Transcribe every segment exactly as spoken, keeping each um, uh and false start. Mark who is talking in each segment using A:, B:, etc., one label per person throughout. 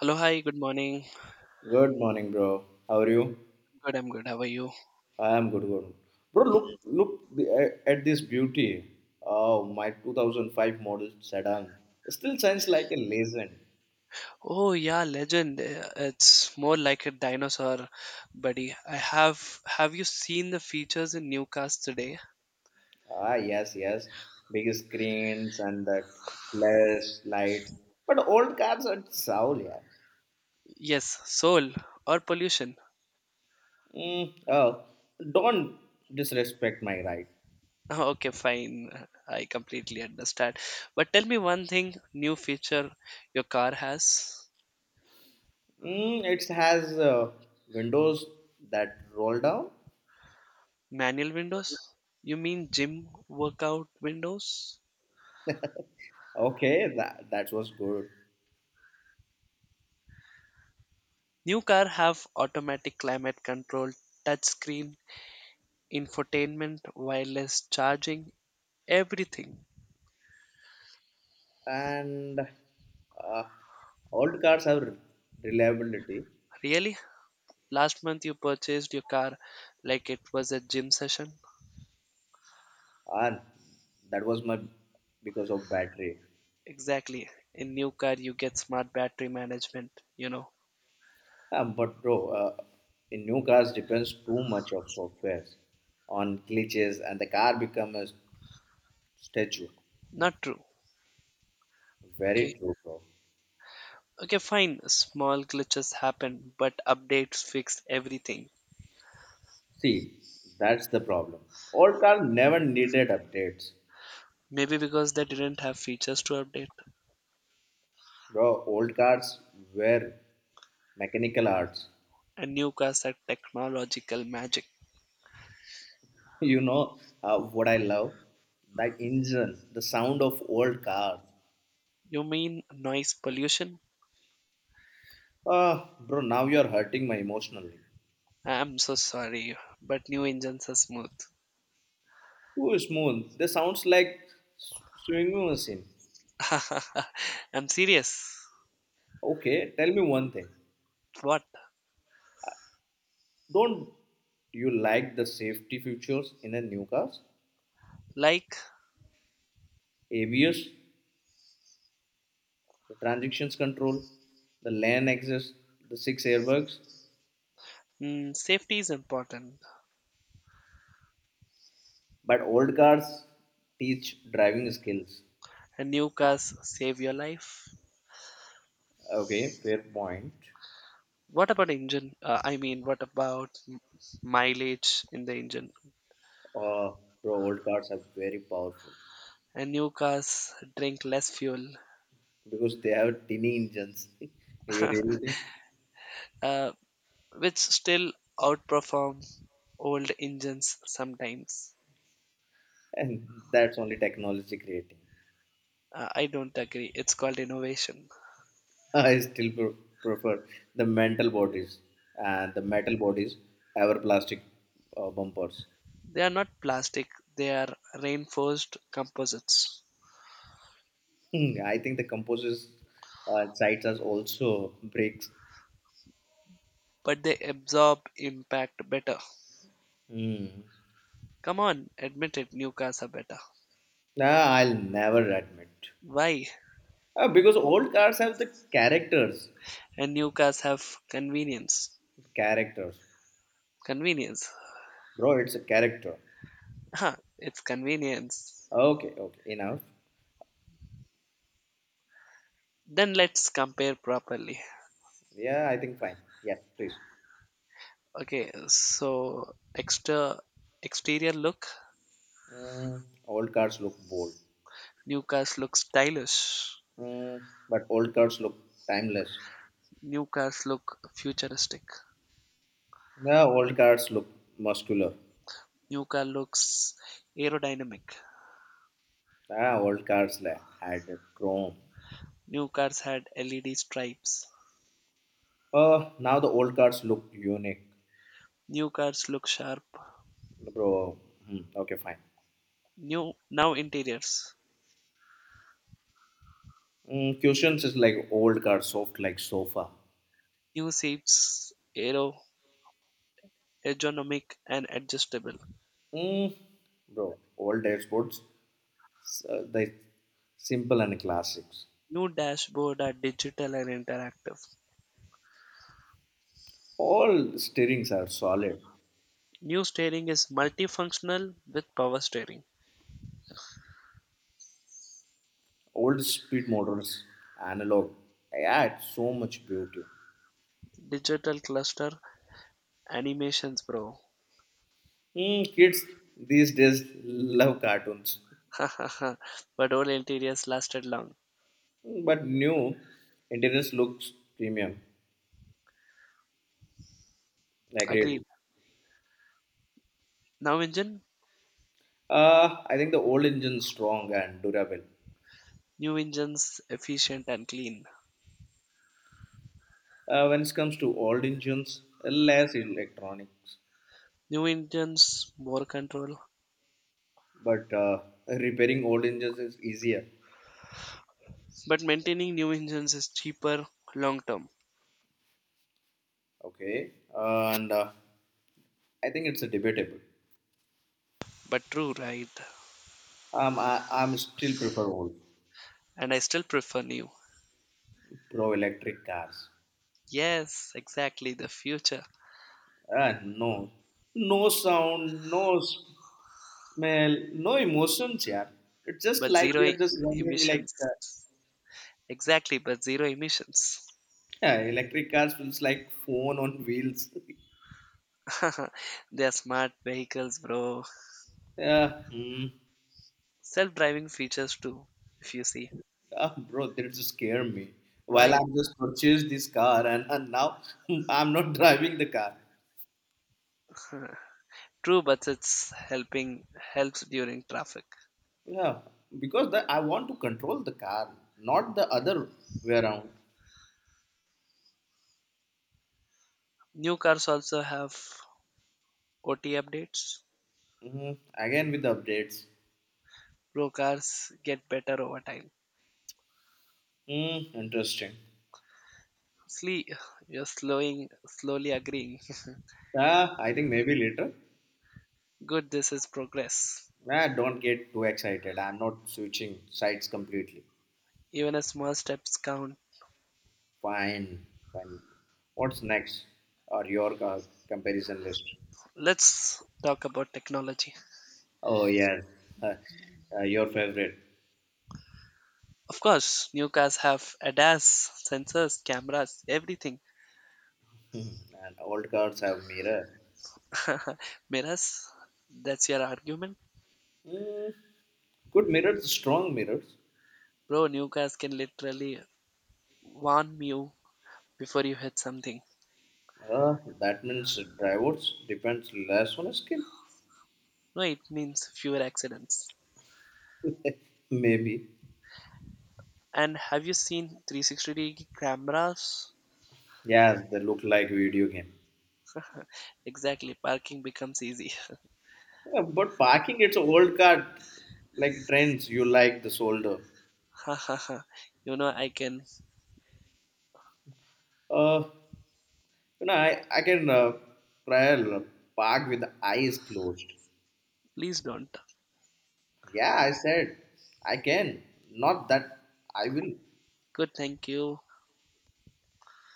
A: Hello, hi, good morning.
B: Good morning, bro. How are you?
A: Good, I'm good. How are you?
B: I am good, good. Bro, look, look the- at this beauty. Oh, my two thousand five model sedan. Still shines like a legend.
A: Oh, yeah, legend. Uh, It's more like a dinosaur, buddy. I have. Have you seen the features in new cars today?
B: Ah, yes, yes. Big screens and that flash lights. But old cars are soul, yeah.
A: Yes, soul or pollution.
B: Mm, oh, don't disrespect my right.
A: Okay, fine. I completely understand. But tell me one thing new feature your car has
B: Mm, it has uh, windows that roll down.
A: manual windows? You mean gym workout windows?
B: Okay, that that was good.
A: New car have automatic climate control, touch screen, infotainment, wireless charging, everything.
B: And uh, old cars have reliability.
A: Really? Last month you purchased your car like it was a gym session?
B: And that was my because of battery.
A: Exactly. In new car you get smart battery management, you know.
B: Um, but bro, uh, in new cars depends too much of software on glitches and the car become a statue.
A: Not true.
B: Very
A: Okay.
B: true, bro.
A: Okay, fine. Small glitches happen, but updates fixed everything.
B: See, that's the problem. Old cars never needed updates,
A: Maybe because they didn't have features to update.
B: bro. Old cars were mechanical arts.
A: And new cars are technological magic.
B: You know uh, what I love? That engine, the sound of old cars.
A: You mean noise pollution?
B: Ah, bro, now you're hurting my emotionally.
A: I'm so sorry, but new engines are smooth.
B: Ooh, smooth. This sounds like s- swinging machine.
A: I'm serious.
B: Okay, tell me one thing.
A: What?
B: Don't you like the safety features in the new cars?
A: Like,
B: A B S, the transactions control, the lane access, the six airbags.
A: mm, safety is important,
B: But old cars teach driving skills.
A: and new cars save your life.
B: Okay, fair point.
A: What about engine? Uh, I mean, what about m- mileage in the engine?
B: Uh, Bro, old cars are very powerful
A: And new cars drink less fuel,
B: because they have tiny engines. You really think?
A: uh, which still outperform old engines sometimes.
B: And that's only technology creating.
A: Uh, I don't agree. It's called innovation.
B: I still pre- prefer the metal bodies and the metal bodies over plastic uh, bumpers.
A: They are not plastic, they are reinforced composites,
B: Hmm, I think the composite uh, sides are also brakes.
A: but they absorb impact better.
B: Hmm.
A: Come on, admit it, new cars are better.
B: Nah, I'll never admit.
A: Why?
B: Uh, because old cars have the characters.
A: And new cars have convenience.
B: Characters.
A: Convenience.
B: Bro, it's a character.
A: Huh, it's convenience.
B: Okay, okay, enough.
A: Then let's compare properly.
B: Yeah, I think fine. Yes, please.
A: Okay, so extra exterior look.
B: Mm, old cars look bold,
A: New cars look stylish.
B: mm, but old cars look timeless.
A: New cars look futuristic.
B: Yeah, old cars look muscular.
A: New car looks aerodynamic.
B: Yeah, old cars la- had chrome.
A: New cars had L E D stripes.
B: Uh, now the old cars look unique,
A: New cars look sharp.
B: bro. Hmm, okay, fine.
A: New now interiors.
B: Mm, cushions is like old car, soft like sofa.
A: New seats, aero, ergonomic and adjustable.
B: Mm, Bro, old dashboards, s- uh, they simple and classics.
A: New dashboard are digital and interactive.
B: All steerings are solid.
A: New steering is multifunctional with power steering.
B: Old speed motors, analog. Yeah, it's so much beauty.
A: Digital cluster animations, bro.
B: Hmm, kids these days love cartoons,
A: but all interiors lasted long.
B: but new interiors looks premium. Agreed.
A: Agreed.
B: Agree.
A: Now engine,
B: Uh, I think the old engine strong and durable.
A: new engines efficient and clean.
B: Uh, when it comes to old engines, less electronics,
A: New engines more control,
B: but uh, repairing old engines is easier.
A: but maintaining new engines is cheaper long term.
B: Okay, and uh, I think it's a debatable.
A: But true, right?
B: Um, I, I'm still prefer old
A: And I still prefer new.
B: pro electric cars.
A: Yes, exactly the future.
B: Ah, no. No sound, no s- smell, no emotions, yeah. It's just
A: But
B: like
A: zero
B: we are
A: e-
B: just running like
A: emissions.
B: uh,
A: Exactly, but zero emissions.
B: Yeah, electric cars feels like phone on wheels.
A: They are smart vehicles, bro.
B: Yeah, mm.
A: Self driving features too, if you see.
B: Ah, bro, that just scare me. While
A: Why?
B: I'm just purchased this car and, and now. I'm not driving the car.
A: True, but it's helping helps during traffic.
B: Yeah, because the, I want to control the car, not the other way around.
A: New cars also have O T updates.
B: hmm Again with the updates.
A: Pro cars get better over time.
B: Mm, interesting.
A: Slee, you're slowing, slowly agreeing.
B: Ah, I think maybe later.
A: Good, this is progress.
B: Nah, don't get too excited. I'm not switching sides completely.
A: Even a small steps count.
B: Fine, fine. What's next? Or your co- comparison list?
A: Let's talk about technology.
B: Oh yes, Uh, uh, your favorite.
A: Of course, new cars have A D A S, sensors, cameras, everything.
B: Hmm, And old cars have mirrors.
A: Mirrors, that's your argument?
B: Mm, Good mirrors, strong mirrors.
A: Bro, new cars can literally warn you before you hit something.
B: Uh, that means drivers depends less on skill.
A: No, it means fewer accidents.
B: Maybe.
A: And have you seen three hundred sixty degree cameras?
B: Yes, they look like video game.
A: Exactly, parking becomes easy.
B: Yeah, but parking, it's an old car. Like trends, you like the solder.
A: You know, I can.
B: Uh, You know, I, I can uh, trail park with the eyes closed.
A: Please don't.
B: Yeah, I said I can. Not that I will.
A: Good, thank you.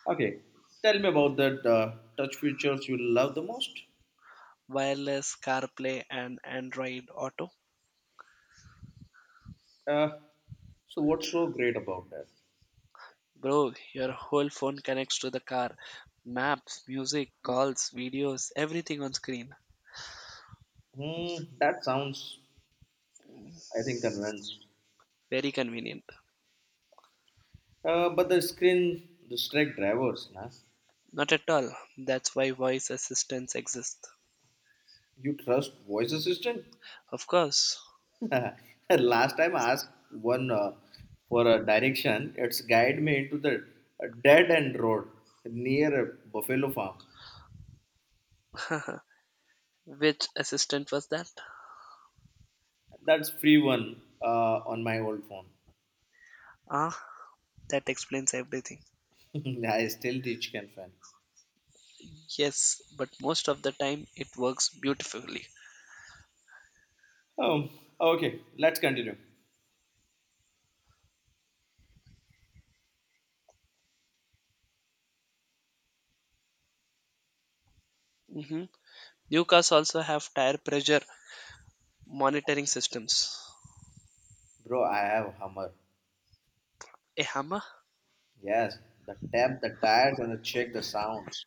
B: Okay, tell me about that uh, touch features you love the most.
A: Wireless CarPlay and Android Auto.
B: Uh, so, what's so great about that?
A: Bro, your whole phone connects to the car. Maps, music, calls, videos, everything on screen.
B: Hmm, that sounds, I think, convinced.
A: Very convenient.
B: Uh, but the screen, the strike drivers, nah?
A: Not at all. That's why voice assistants exist.
B: You trust voice assistant?
A: Of course.
B: Last time I asked one uh, for a direction, it's guide me into the dead end road near a Buffalo Farm.
A: Which assistant was that?
B: That's free one uh, on my old phone.
A: Ah, that explains everything.
B: I still teach can fan.
A: Yes, but most of the time it works beautifully.
B: Um, okay, let's continue.
A: Mm-hmm. New cars also have tire pressure monitoring systems.
B: Bro, I have Hummer.
A: A hammer?
B: Yes, the tap, the tires, and the check the sounds.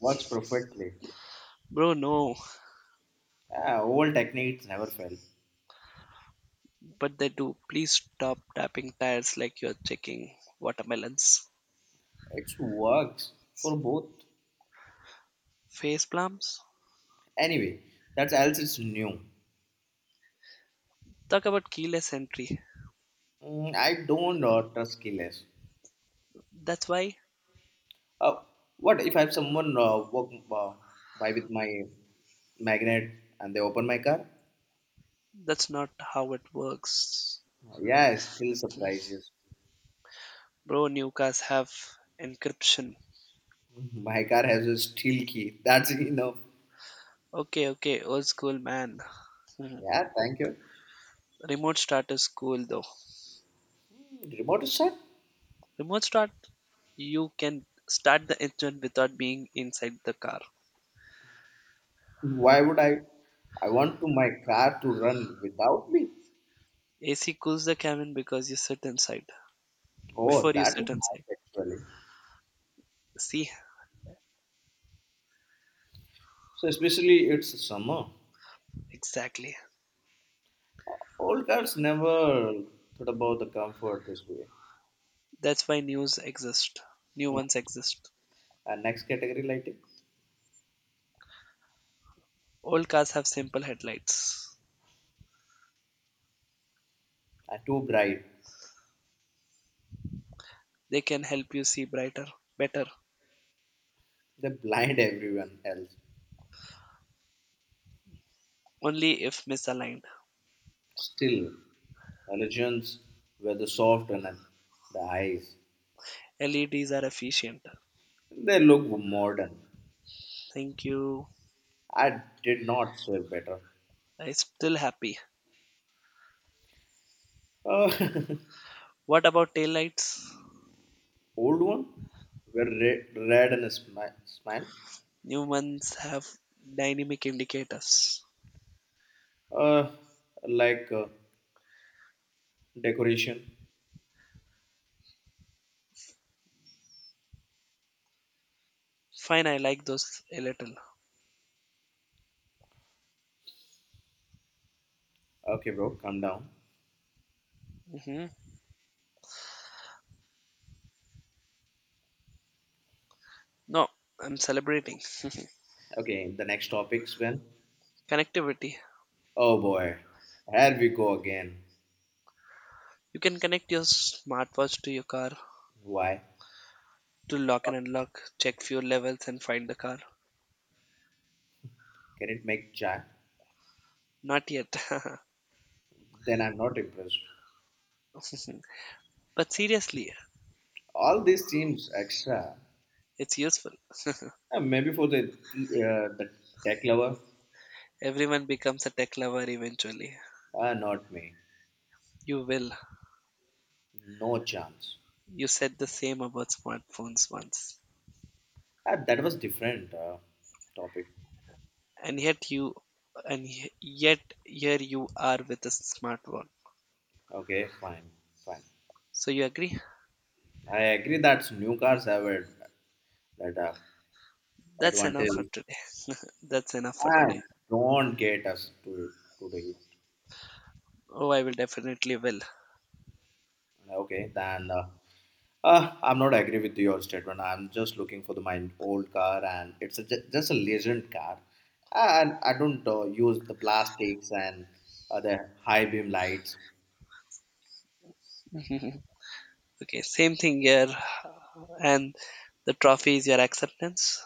B: Works perfectly.
A: Bro, no.
B: Ah, old techniques never fail.
A: But they do. Please stop tapping tires like you're checking watermelons.
B: It works for both.
A: Faceplums.
B: Anyway, that's else it's new.
A: Talk about keyless entry.
B: Mm, I don't uh, trust keyless.
A: That's why
B: Uh, what if I have someone uh, walk uh, by with my magnet and they open my car?
A: that's not how it works.
B: Yeah, it still surprises.
A: Bro, new cars have encryption.
B: My car has a steel key. That's enough.
A: Okay, okay, old school man. Mhm.
B: Yeah, thank you.
A: Remote start is cool though.
B: Remote start?
A: Remote start, you can start the engine without being inside the car.
B: Why would I? I want to my car to run without me.
A: A C cools the cabin because you sit inside.
B: Oh,
A: Before you
B: that is
A: sit
B: nice
A: inside.
B: actually.
A: See?
B: So especially it's summer.
A: Exactly.
B: Old cars never thought about the comfort this way.
A: That's why news exist. New ones exist.
B: Uh, next category lighting.
A: Old cars have simple headlights.
B: Are too bright.
A: They can help you see brighter, better,
B: They blind everyone else.
A: only if misaligned.
B: Still, religions were the soft and the eyes.
A: L E Ds are efficient.
B: They look modern.
A: Thank you.
B: I did not say better.
A: I'm still happy.
B: Uh,
A: What about taillights?
B: Old one were red, red and a smi- smile.
A: New ones have dynamic indicators.
B: Uh, like uh, decoration.
A: Fine, I like those a little.
B: Okay, bro, calm down.
A: Hmm. No, I'm celebrating.
B: Okay, the next topics when?
A: Connectivity.
B: Oh boy, here we go again.
A: You can connect your smartwatch to your car
B: Why?
A: to lock and unlock, check fuel levels, and find the car.
B: Can it make chai?
A: Not yet.
B: Then I'm not impressed.
A: But seriously,
B: All these seems extra.
A: it's useful.
B: Uh, maybe for the the, uh, the tech lover,
A: Everyone becomes a tech lover eventually.
B: uh, not me.
A: You will.
B: No chance.
A: You said the same about smartphones once.
B: Uh, that was different uh, topic.
A: And yet you and y- yet here you are with a smartphone.
B: Okay, fine, fine.
A: So you agree?
B: I agree that new cars have a, that uh,
A: That's enough for
B: advantage.
A: today. That's enough for today.
B: And don't get us to to do it.
A: Oh, I will definitely will.
B: Okay, then. Uh, Uh, I'm not agree with your statement. I'm just looking for the my old car, and it's a, ju- just a legend car, and I don't uh, use the plastics and uh, the high beam lights.
A: Okay, same thing here. And the trophy is your acceptance.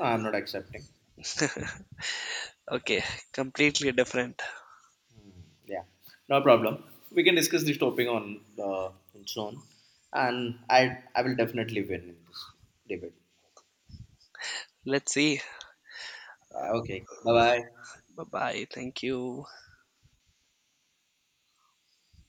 B: No, I'm not accepting.
A: Okay, completely different.
B: Yeah, no problem. We can discuss this topic on uh, soon, and I I will definitely win in this debate.
A: Let's see.
B: Yeah, okay, bye bye.
A: Bye bye. Thank you.